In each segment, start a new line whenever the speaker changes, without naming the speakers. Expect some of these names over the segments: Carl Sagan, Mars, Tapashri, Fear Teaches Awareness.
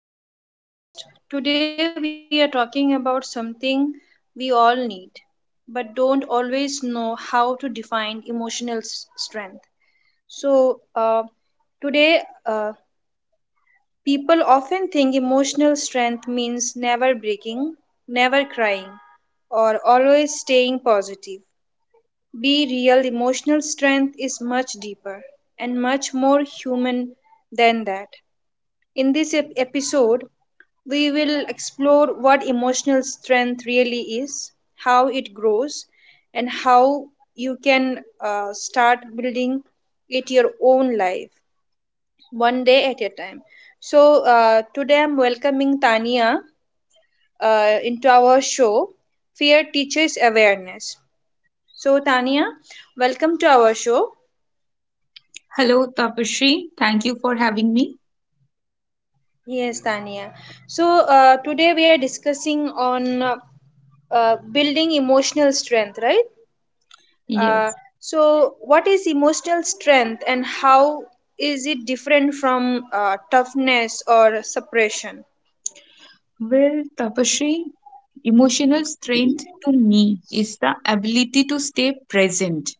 to the podcast. Today we are talking about something we all need but don't always know how to define emotional strength. So, today uh, People often think emotional strength means never breaking, never crying, or always staying positive. Be real, emotional strength is much deeper and much more human than that. In this episode, we will explore what emotional strength really is, how it grows, and how you can start building it your own life one day at a time. Today I'm welcoming Tania into our show Fear Teaches Awareness. So, Tania, welcome to our show.
Hello, Tapashri. Thank you for having me.
Yes, Tania. Today we are discussing on building emotional strength, right? Uh,
Yes.
so what is emotional strength and how is it different from toughness or suppression?
Well, Tapashri, emotional strength to me is the ability to stay present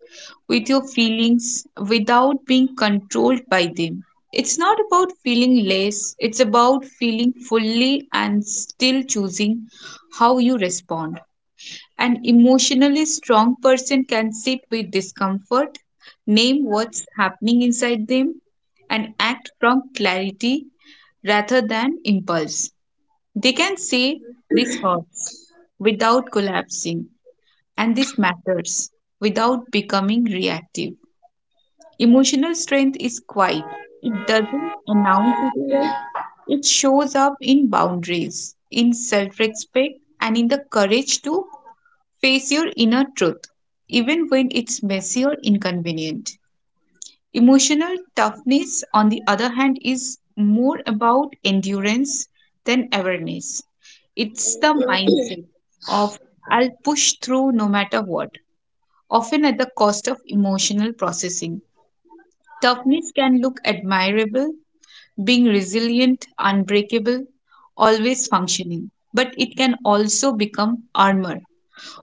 with your feelings without being controlled by them. It's not about feeling less, it's about feeling fully and still choosing how you respond. An emotionally strong person can sit with discomfort, name what's happening inside them, and act from clarity rather than impulse. They can say, "This hurts" without collapsing, and "this matters" without becoming reactive. Emotional strength is quiet, it doesn't announce itself, it shows up in boundaries, in self respect, and in the courage to face your inner truth, even when it's messy or inconvenient. Emotional toughness, on the other hand, is more about endurance than awareness. It's the mindset of "I'll push through no matter what," often at the cost of emotional processing. Toughness can look admirable, being resilient, unbreakable, always functioning, but it can also become armor.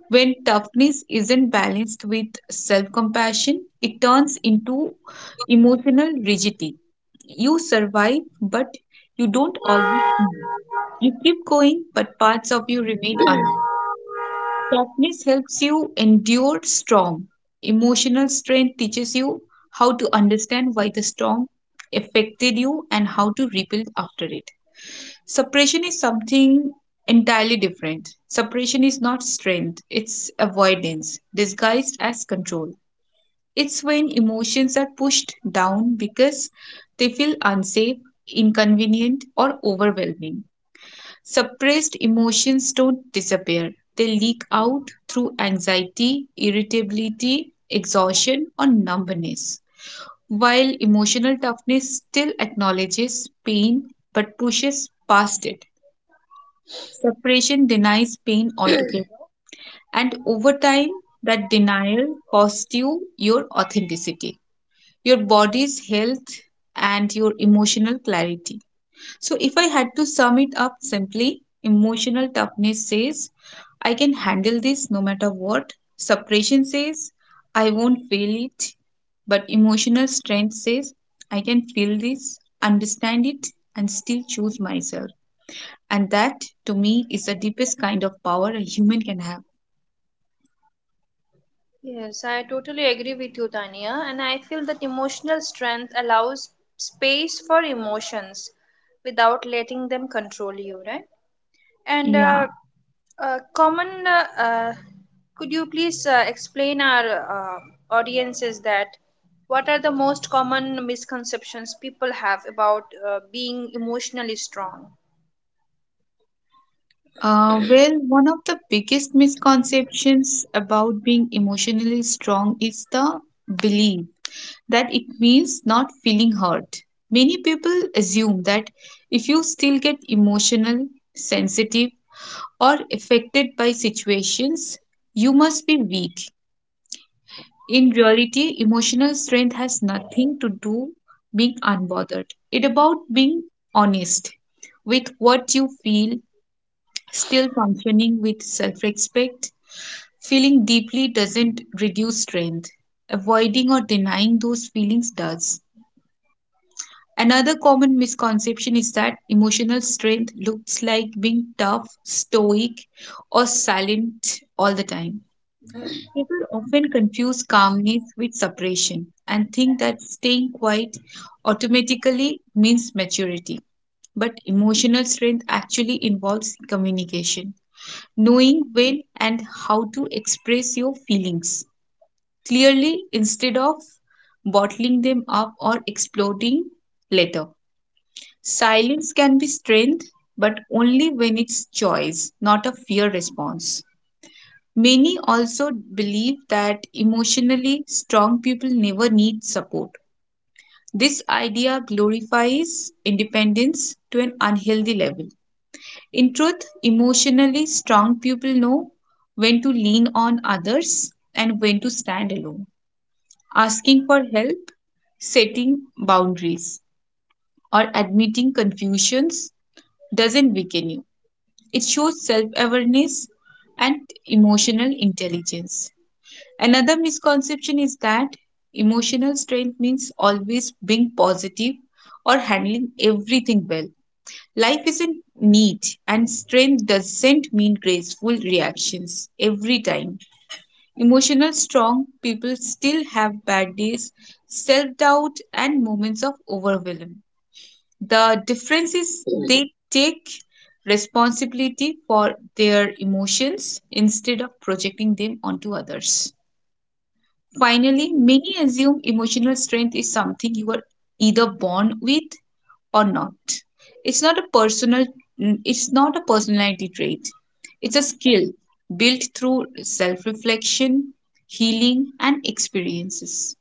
When toughness isn't balanced with self compassion, it turns into emotional rigidity. You survive, but you don't all. You keep going, but parts of you remain unknown. Toughness helps you endure storm. Emotional strength teaches you how to understand why the storm affected you and how to rebuild after it. Suppression is something entirely different. Suppression is not strength, it's avoidance, disguised as control. It's when emotions are pushed down because they feel unsafe, inconvenient, or overwhelming. Suppressed emotions don't disappear, they leak out through anxiety, irritability, exhaustion, or numbness. While emotional toughness still acknowledges pain but pushes past it, suppression denies pain altogether, and over time, that denial costs you your authenticity, your body's health, and your emotional clarity. So, if I had to sum it up simply, emotional toughness says, "I can handle this no matter what." Suppression says, "I won't feel it." But emotional strength says, "I can feel this, understand it, and still choose myself." And that, to me, is the deepest kind of power a human can have.
Yes, I totally agree with you, Tania, and I feel that emotional strength allows space for emotions without letting them control you, right? And
Yeah.
uh, uh, common, uh, uh, could you please explain our audiences that what are the most common misconceptions people have about being emotionally strong?
Well, one of the biggest misconceptions about being emotionally strong is the belief that it means not feeling hurt. Many people assume that if you still get emotional, sensitive, or affected by situations, you must be weak. In reality, emotional strength has nothing to do being unbothered. It about being honest with what you feel, still functioning with self-respect. Feeling deeply doesn't reduce strength. Avoiding or denying those feelings does. Another common misconception is that emotional strength looks like being tough, stoic, or silent all the time. People often confuse calmness with suppression and think that staying quiet automatically means maturity. But emotional strength actually involves communication, knowing when and how to express your feelings clearly instead of bottling them up or exploding later. Silence can be strength, but only when it's choice, not a fear response. Many also believe that emotionally strong people never need support. This idea glorifies independence to an unhealthy level. In truth, emotionally strong people know when to lean on others and when to stand alone. Asking for help, setting boundaries, or admitting confusions doesn't weaken you. It shows self awareness and emotional intelligence. Another misconception is that emotional strength means always being positive or handling everything well. Life isn't neat, and strength doesn't mean graceful reactions every time. Emotional strong people still have bad days, self doubt, and moments of overwhelm. The difference is they take responsibility for their emotions instead of projecting them onto others. Finally, many assume emotional strength is something you are either born with or not. It's not a personal it's not a personality trait. It's a skill built through self-reflection, healing and experiences.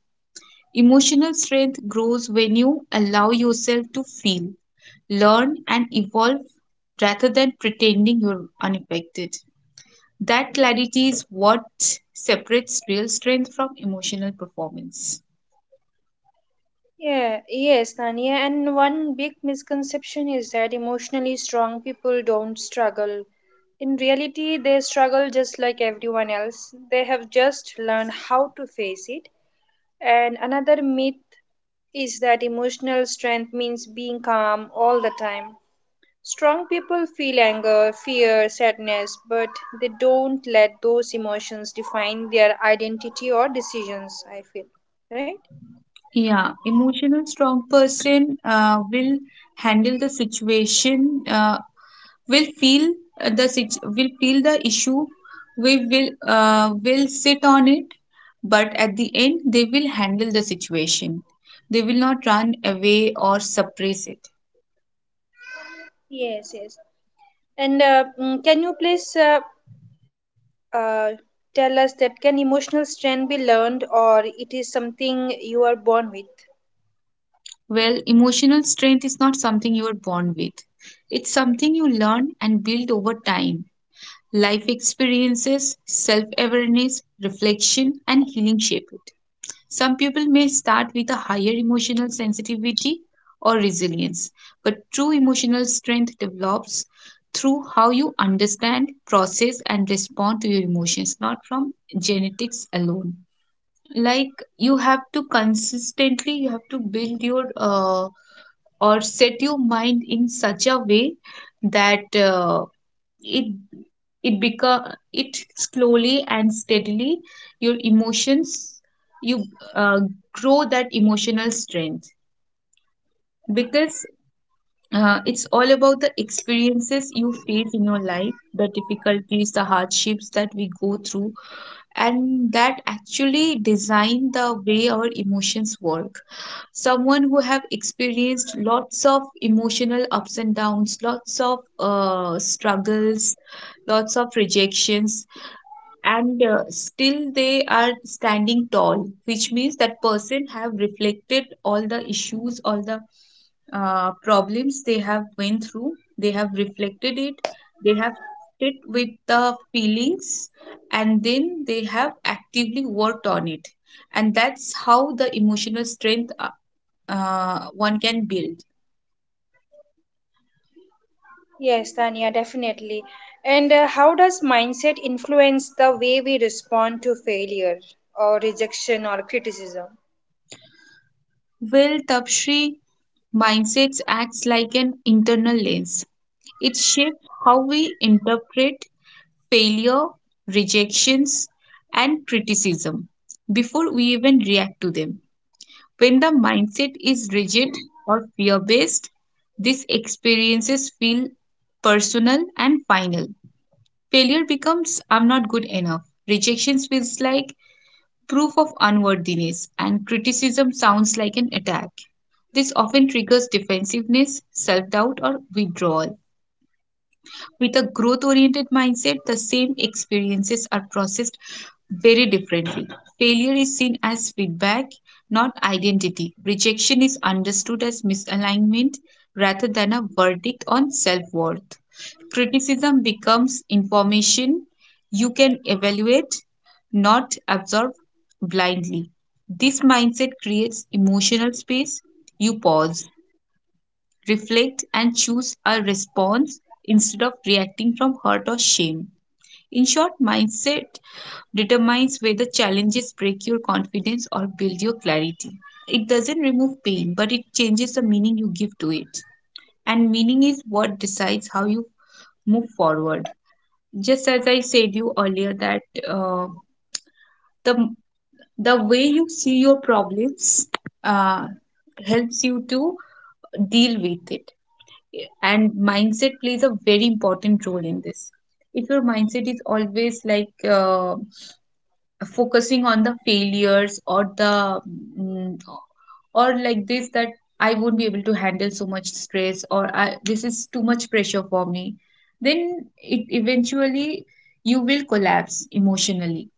Emotional strength grows when you allow yourself to feel, learn, and evolve rather than pretending you're unaffected. That clarity is what separates real strength from emotional performance.
Yeah, yes, Tania. And one big misconception is that emotionally strong people don't struggle. In reality, they struggle just like everyone else. They have just learned how to face it. And another myth is that emotional strength means being calm all the time. Strong people feel anger, fear, sadness, but they don't let those emotions define their identity or decisions, I feel. Right?
Yeah, emotional strong person will handle the situation will feel will feel the issue. We will sit on it, but at the end they will handle the situation. They will not run away or suppress it.
Yes, yes. And can you please uh, tell us that can emotional strength be learned or it is something you are born with?
Well, emotional strength is not something you are born with, it's something you learn and build over time. Life experiences, self awareness, reflection and healing shape it. Some people may start with a higher emotional sensitivity or resilience, but true emotional strength develops through how you understand, process, and respond to your emotions, not from genetics alone. Like, you have to consistently, you have to build your or set your mind in such a way that it it become it slowly and steadily, your emotions, you uh, grow that emotional strength, because it's all about the experiences you face in your life, the difficulties, the hardships that we go through, and that actually design the way our emotions work. Someone who have experienced lots of emotional ups and downs, lots of struggles, lots of rejections, and still they are standing tall, which means that person have reflected all the issues, all the problems they have went through, they have reflected it, they have sit with the feelings, and then they have actively worked on it. And that's how the emotional strength, one can build.
Yes, Tanya, definitely. And how does mindset influence the way we respond to failure or rejection or criticism?
Well, tapshri mindsets acts like an internal lens. It shapes how we interpret failure, rejections, and criticism before we even react to them. When the mindset is rigid or fear based, these experiences feel personal and final. Failure becomes "I'm not good enough." Rejection feels like proof of unworthiness, and criticism sounds like an attack. This often triggers defensiveness, self doubt, or withdrawal. With a growth oriented mindset, the same experiences are processed very differently. Failure is seen as feedback, not identity. Rejection is understood as misalignment rather than a verdict on self worth. Criticism becomes information you can evaluate, not absorb blindly. This mindset creates emotional space. You pause, reflect, and choose a response instead of reacting from hurt or shame. In short, mindset determines whether challenges break your confidence or build your clarity. It doesn't remove pain, but it changes the meaning you give to it. And meaning is what decides how you move forward. Just as I said you earlier that uh, the the way you see your problems uh, helps you to deal with it, and mindset plays a very important role in this. If your mindset is always like focusing on the failures or the mm, or like this that I won't be able to handle so much stress, or I, this is too much pressure for me, then it eventually, you will collapse emotionally.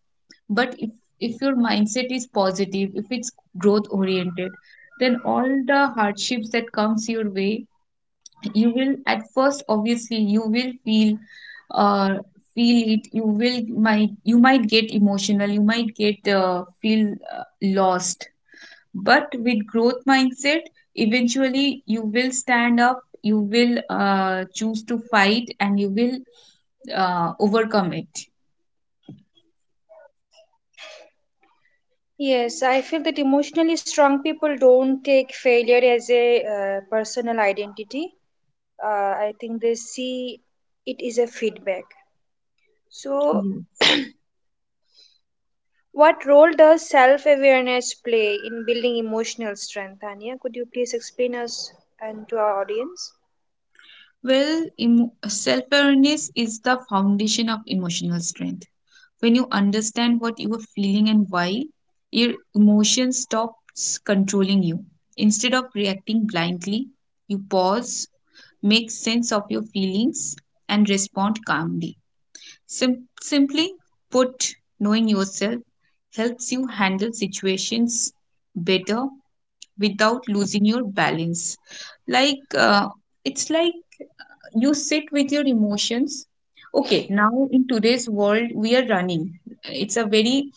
But if your mindset is positive, if it's growth oriented, then all the hardships that comes your way, you will at first obviously you will feel uh feel it you will might you might get emotional, you might get feel lost. But with growth mindset, eventually you will stand up, you will choose to fight, and you will overcome it.
Yes, I feel that emotionally strong people don't take failure as a personal identity. I think they see it is a feedback. So,
Yes.
what role does self awareness play in building emotional strength, Tanya? Could you please explain us and to our audience?
Well, self awareness is the foundation of emotional strength. When you understand what you are feeling and why, your emotion stops controlling you. Instead of reacting blindly, you pause, make sense of your feelings, and respond calmly. Simply put, knowing yourself helps you handle situations better without losing your balance. Like, it's like you sit with your emotions. Okay, now in today's world, we are running. It's a very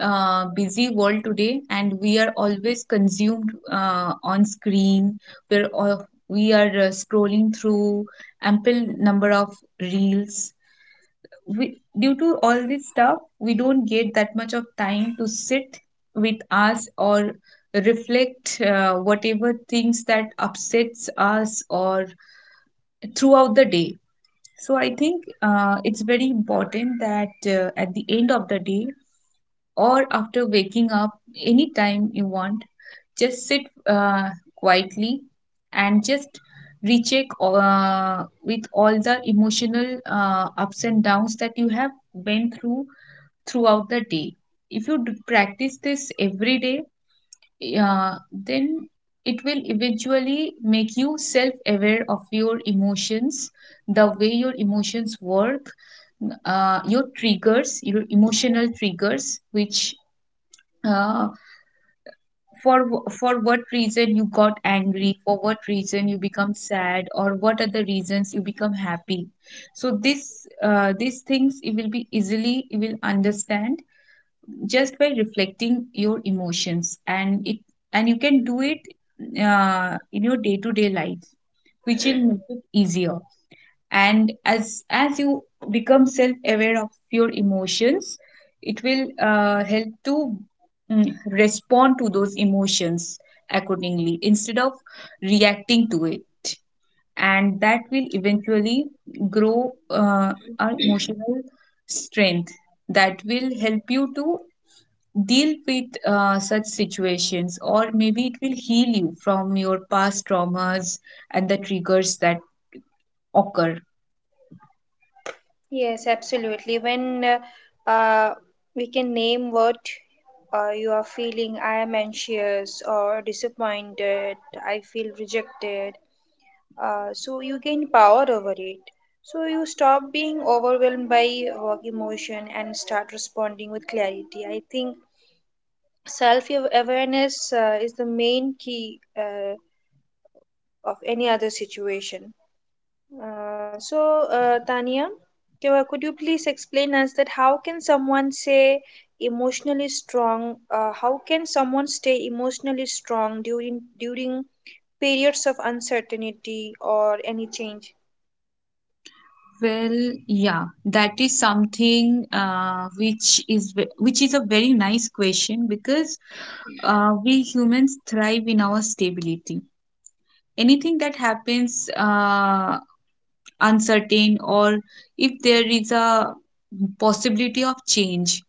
busy world today, and we are always consumed on screen. We are scrolling through ample number of reels. We, due to all this stuff, we don't get that much of time to sit with us or reflect whatever things that upsets us or throughout the day. So I think it's very important that at the end of the day or after waking up, anytime you want, just sit uh, quietly and just recheck with all the emotional ups and downs that you have went through throughout the day. If you practice this every day, then it will eventually make you self aware of your emotions, the way your emotions work, your triggers, your emotional triggers, which uh, for what reason you got angry, for what reason you become sad, or what are the reasons you become happy. So this these things you will understand just by reflecting your emotions, and you can do it in your day to day life, which will make it easier. And as you become self aware of your emotions, it will help to respond to those emotions accordingly instead of reacting to it, and that will eventually grow our emotional strength, that will help you to deal with such situations, or maybe it will heal you from your past traumas and the triggers that occur.
Yes, absolutely. When uh, uh, we can name what you are feeling, I am anxious or disappointed, I feel rejected. So you gain power over it. So you stop being overwhelmed by emotion and start responding with clarity. I think self awareness is the main key of any other situation. So, Tania, could you please explain us that how can someone say emotionally strong? How can someone stay emotionally strong during periods of uncertainty or any change?
Well, yeah, that is something which is a very nice question, because we humans thrive in our stability. Anything that happens uncertain, or if there is a possibility of change,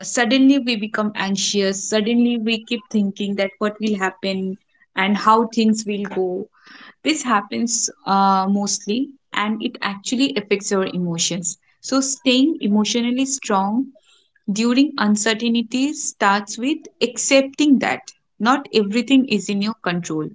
suddenly we become anxious, suddenly we keep thinking that what will happen and how things will go. This happens mostly, and it actually affects your emotions. So staying emotionally strong during uncertainty starts with accepting that not everything is in your control.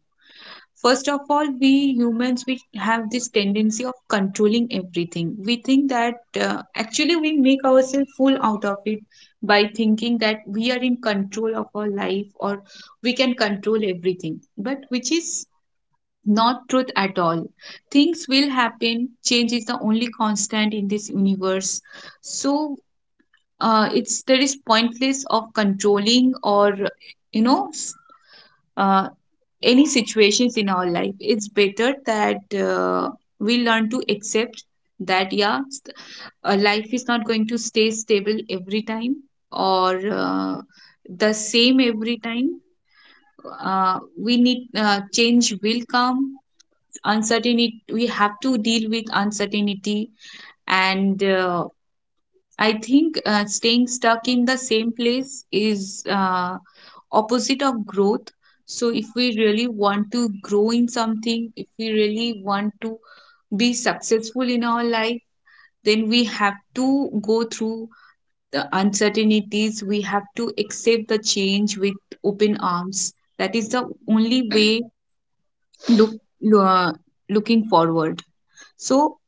First of all, we humans, we have this tendency of controlling everything. We think that actually we make ourselves full out of it by thinking that we are in control of our life, or we can control everything. But which is not truth at all. Things will happen. Change is the only constant in this universe. So it's there is pointless of controlling, or you know s- uh, any situations in our life. It's better that we learn to accept that, yeah, life is not going to stay stable every time, or the same every time. We need Change will come. Uncertainty, we have to deal with uncertainty. And I think staying stuck in the same place is opposite of growth. So if we really want to grow in something, if we really want to be successful in our life, then we have to go through the uncertainties. We have to accept the change with open arms. That is the only way, look uh, looking forward. So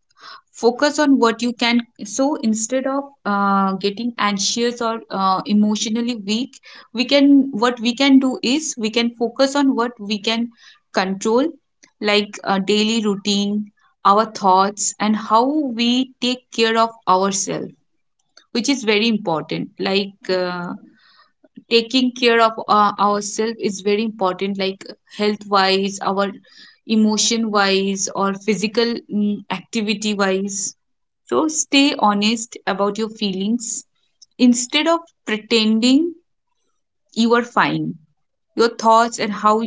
focus on what you can so instead of getting anxious or emotionally weak, we can what we can do is we can focus on what we can control, like a daily routine, our thoughts, and how we take care of ourselves, which is very important. Like taking care of ourselves is very important, like health wise, our emotion wise, or physical activity wise. So stay honest about your feelings instead of pretending you are fine. Your thoughts and how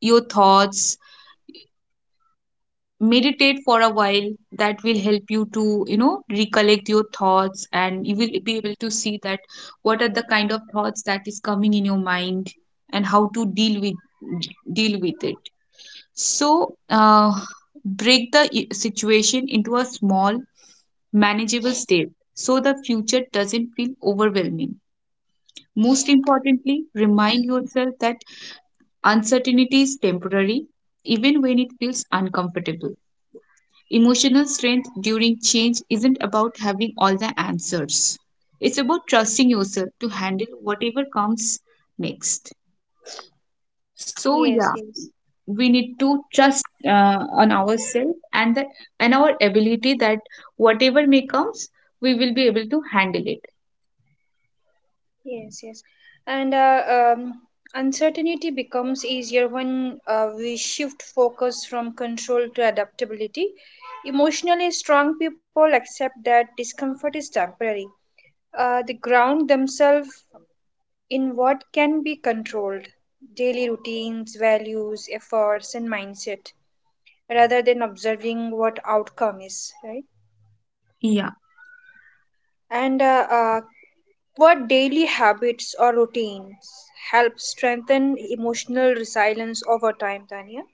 your thoughts Meditate for a while. That will help you to, you know, recollect your thoughts, and you will be able to see that what are the kind of thoughts that is coming in your mind and how to deal with it. So break the situation into a small manageable state, so the future doesn't feel overwhelming. Most importantly, remind yourself that uncertainty is temporary, even when it feels uncomfortable. Emotional strength during change isn't about having all the answers, it's about trusting yourself to handle whatever comes next. So, yeah,
Yes, yes,
we need to trust on ourselves, and that, and our ability, that whatever may comes, we will be able to handle it.
yes. And Uncertainty becomes easier when we shift focus from control to adaptability. Emotionally strong people accept that discomfort is temporary. They ground themselves in what can be controlled, daily routines, values, efforts, and mindset rather than observing what outcome is, right?
Yeah.
And what daily habits or routines help strengthen emotional resilience over time, Tania?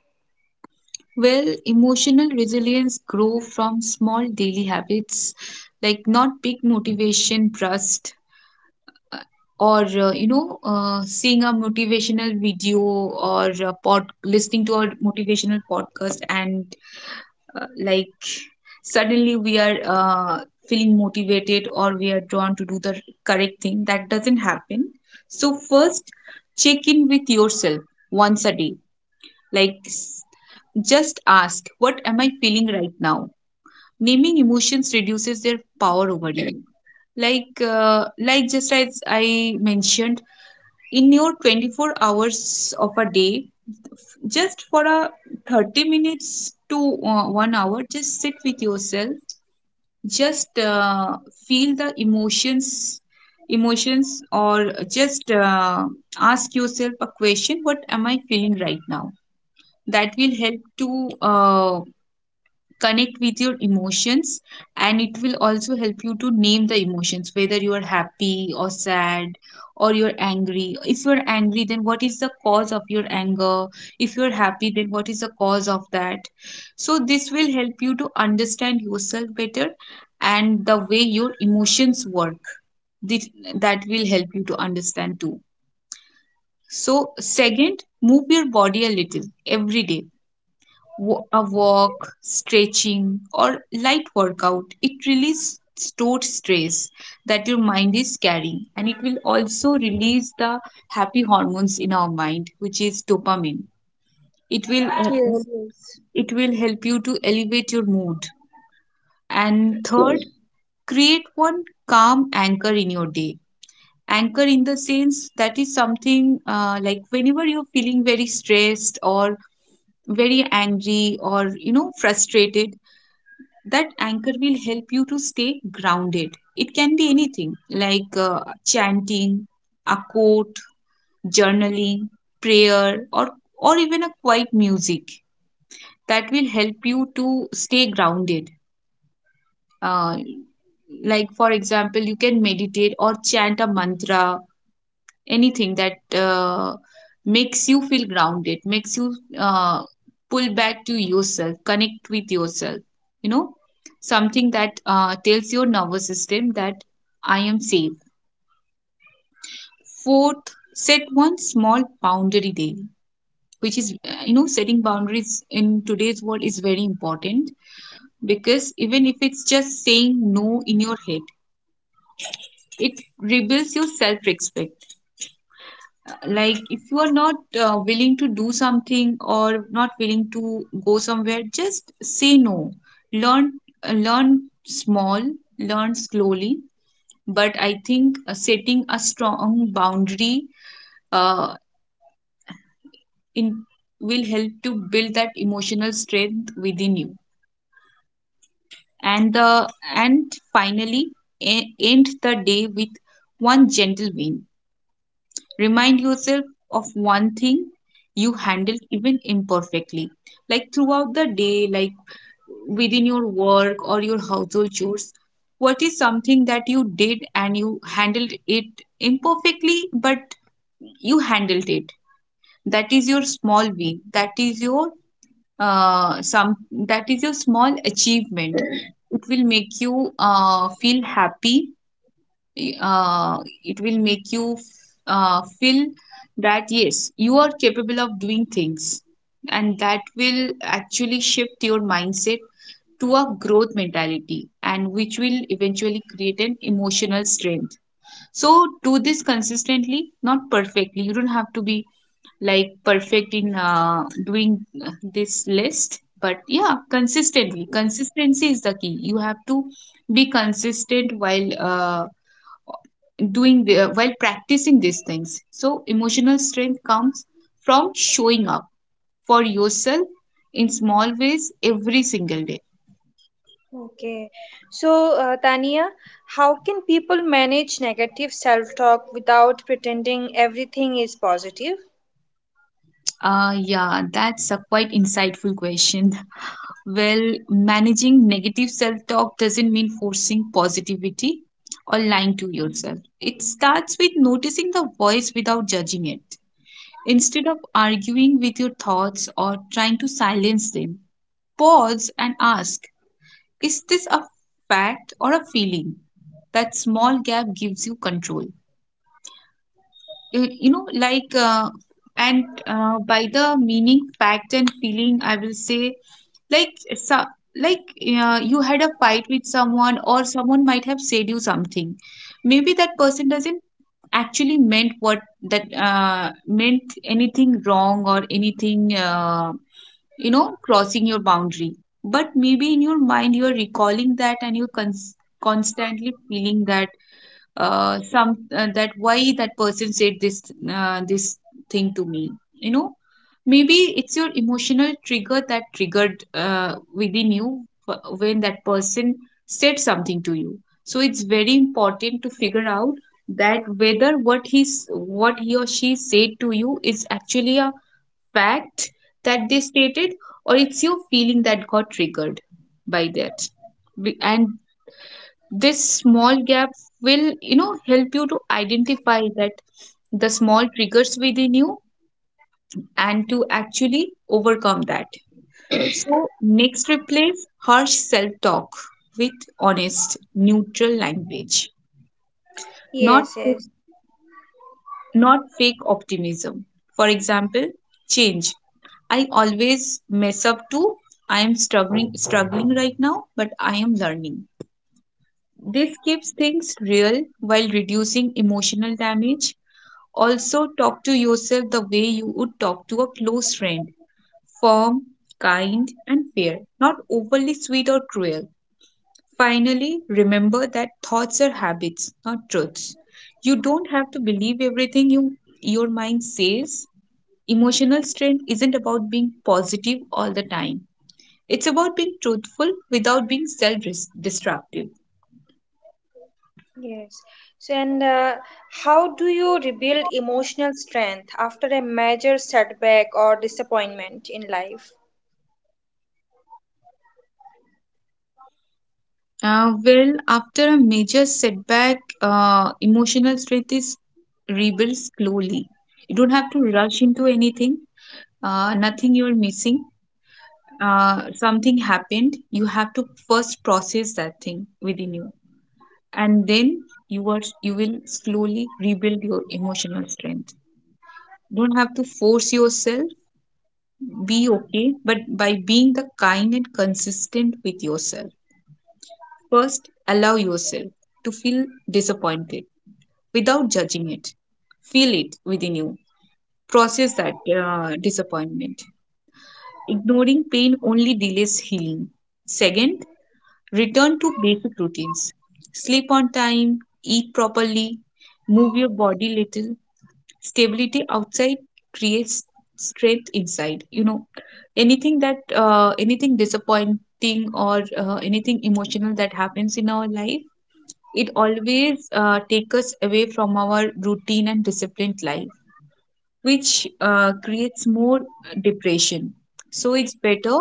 Well, emotional resilience grow from small daily habits, like not big motivation burst, or seeing a motivational video, or a pod listening to a motivational podcast, and like suddenly we are feeling motivated, or we are drawn to do the correct thing, that doesn't happen. So first, check in with yourself once a day, like just ask, what am I feeling right now? Naming emotions reduces their power over you, like just as I mentioned, in your 24 hours of a day, just for a 30 minutes to 1 hour, just sit with yourself, just feel the emotions, or just ask yourself a question, what am I feeling right now? That will help to uh, connect with your emotions, and it will also help you to name the emotions, whether you are happy or sad, or you're angry. If you're angry, then what is the cause of your anger? If you're happy, then what is the cause of that? So this will help you to understand yourself better, and the way your emotions work, this, that will help you to understand too. So second, move your body a little every day. A walk, stretching, or light workout. It releases stored stress that your mind is carrying, and it will also release the happy hormones in our mind, which is dopamine. It will uh, help-
Yes, yes.
it will help you to elevate your mood. And third, create one calm anchor in your day. Anchor in the sense that is something like whenever you're feeling very stressed, or very angry, or, you know, frustrated, that anchor will help you to stay grounded. It can be anything, like chanting, a quote, journaling, prayer, or even a quiet music, that will help you to stay grounded. Uh, like, for example, you can meditate or chant a mantra, anything that makes you feel grounded, makes you pull back to yourself, connect with yourself, you know, something that tells your nervous system that I am safe. Fourth, set one small boundary daily, which is, setting boundaries in today's world is very important, because even if it's just saying no in your head, it rebuilds your self respect. Like, if you are not willing to do something, or not willing to go somewhere, just say no. Learn uh, learn small, learn slowly. But I think setting a strong boundary uh, in will help to build that emotional strength within you. And the and finally, end the day with one gentle win. Remind yourself of one thing you handled even imperfectly. Like, throughout the day, like within your work or your household chores, what is something that you did and you handled it imperfectly, but you handled it? That is your small win. Uh, some that is your small achievement. It will make you feel happy, uh, it will make you feel that yes, you are capable of doing things, and that will actually shift your mindset to a growth mentality, and which will eventually create an emotional strength. So, do this consistently, not perfectly. You don't have to be like perfect in doing this list, but yeah, consistently. Consistency is the key. You have to be consistent while while practicing these things. So emotional strength comes from showing up for yourself in small ways every single day.
Okay. So, Tania, how can people manage negative self talk without pretending everything is positive?
Yeah, that's a quite insightful question. Well, managing negative self talk doesn't mean forcing positivity or lying to yourself. It starts with noticing the voice without judging it. Instead of arguing with your thoughts or trying to silence them, pause and ask, is this a fact or a feeling? That small gap gives you control. Like, and by the meaning, fact, and feeling, I will say, like, so, like you had a fight with someone, or someone might have said you something. Maybe that person doesn't actually meant what that meant, anything wrong or anything. You know, crossing your boundary. But maybe in your mind you are recalling that, and you're constantly feeling that, some that why that person said this thing to me. You know, maybe it's your emotional trigger that triggered within you, when that person said something to you. So it's very important to figure out that whether what he or she said to you is actually a fact that they stated, or it's your feeling that got triggered by that. And this small gap will, you know, help you to identify that the small triggers within you, and to actually overcome that. So next, replace harsh self talk with honest, neutral language, not
Yes, yes.
not fake optimism. For example, change, I always mess up too. I am struggling right now, but I am learning. This keeps things real while reducing emotional damage. Also, talk to yourself the way you would talk to a close friend. Firm, kind, and fair, not overly sweet or cruel. Finally, remember that thoughts are habits, not truths. You don't have to believe everything your mind says. Emotional strength isn't about being positive all the time. It's about being truthful without being self destructive.
Yes. So, and how do you rebuild emotional strength after a major setback or disappointment in life?
Well, after a major setback, emotional strength is rebuilt slowly. You don't have to rush into anything, nothing you're missing. Something happened. You have to first process that thing within you, and then you will slowly rebuild your emotional strength. Don't have to force yourself. Be okay, but by being the kind and consistent with yourself. First, allow yourself to feel disappointed without judging it. Feel it within you. Process that disappointment. Ignoring pain only delays healing. Second, return to basic routines. Sleep on time, eat properly, move your body little. Stability outside creates strength inside. You know, anything disappointing, or anything emotional that happens in our life, it always takes us away from our routine and disciplined life, which creates more depression. So it's better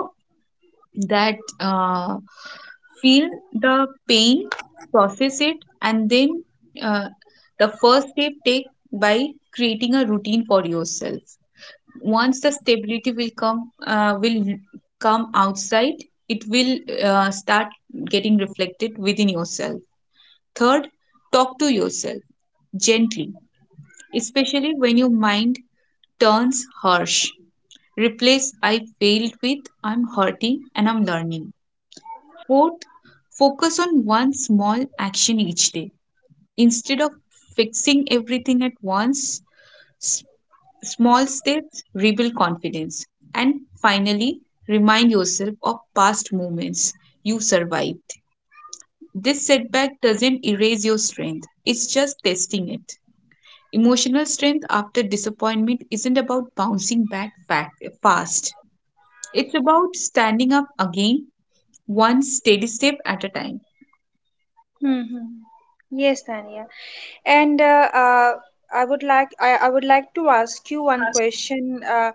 that feel the pain, process it, and then uh, the first step take by creating a routine for yourself. Once the stability will come outside, it will start getting reflected within yourself. Third, talk to yourself gently, especially when your mind turns harsh. Replace, I failed, with, I'm hurting and I'm learning. Fourth, focus on one small action each day. Instead of fixing everything at once, s- small steps rebuild confidence. And finally, remind yourself of past moments you survived. This setback doesn't erase your strength, it's just testing it. Emotional strength after disappointment isn't about bouncing back fast. It's about standing up again, one steady step at a time.
Hmm. Yes, Tania. And I would like to ask you one question. Uh,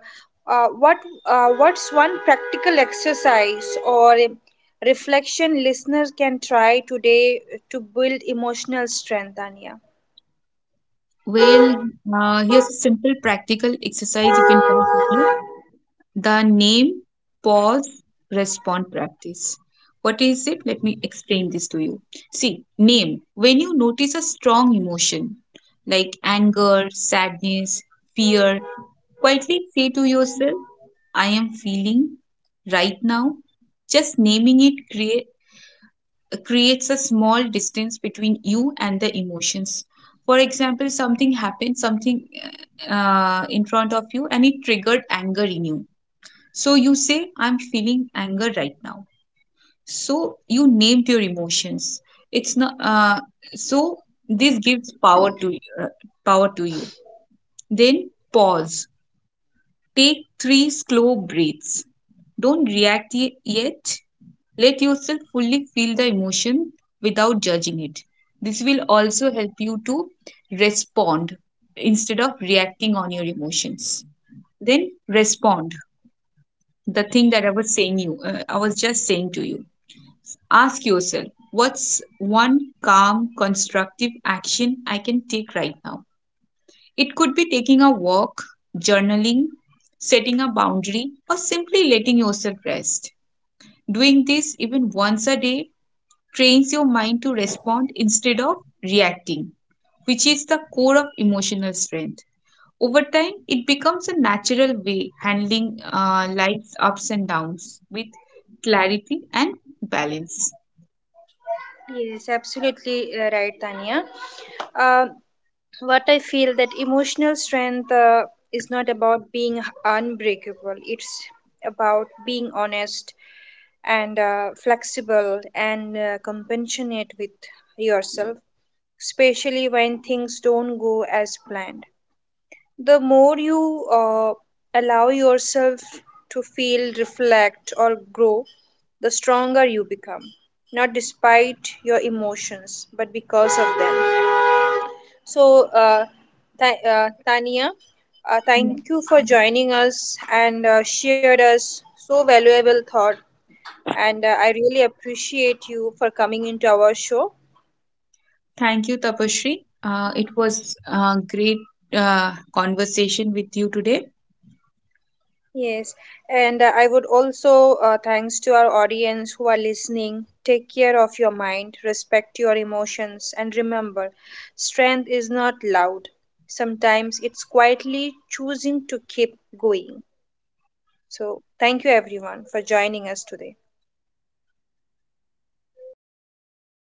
uh, What what's one practical exercise or a reflection listeners can try today to build emotional strength, Tania?
Well, here's a simple practical exercise you can try to do. The name, pause, respond practice. What is it? Let me explain this to you. See, name. When you notice a strong emotion like anger, sadness, fear, quietly say to yourself, I am feeling right now. Just naming it creates a small distance between you and the emotions. For example, something happened, something in front of you, and it triggered anger in you. So you say, I'm feeling anger right now. So you named your emotions. It's not. So this gives uh, power to you. Then pause. Take three slow breaths. Don't react yet. Let yourself fully feel the emotion without judging it. This will also help you to respond instead of reacting on your emotions. Then respond, the thing that I was just saying to you. Ask yourself, what's one calm, constructive action I can take right now? It could be taking a walk, journaling, setting a boundary, or simply letting yourself rest. Doing this even once a day trains your mind to respond instead of reacting, which is the core of emotional strength. Over time, it becomes a natural way handling life's ups and downs with clarity and balance.
Yes, absolutely right, Tanya. What I feel that emotional strength is not about being unbreakable. It's about being honest and flexible and compassionate with yourself, especially when things don't go as planned. The more you allow yourself to feel, reflect, or grow, the stronger you become. Not despite your emotions, but because of them. So, uh, Tania,
Yeah.
thank you for joining us and shared us so valuable thought. And I really appreciate you for coming into our show.
Thank you, Tapashri. It was a great conversation with you today.
Yes, and I would also thanks to our audience who are listening. Take care of your mind, respect your emotions, and remember, strength is not loud. Sometimes it's quietly choosing to keep going. So, thank you everyone for joining us today.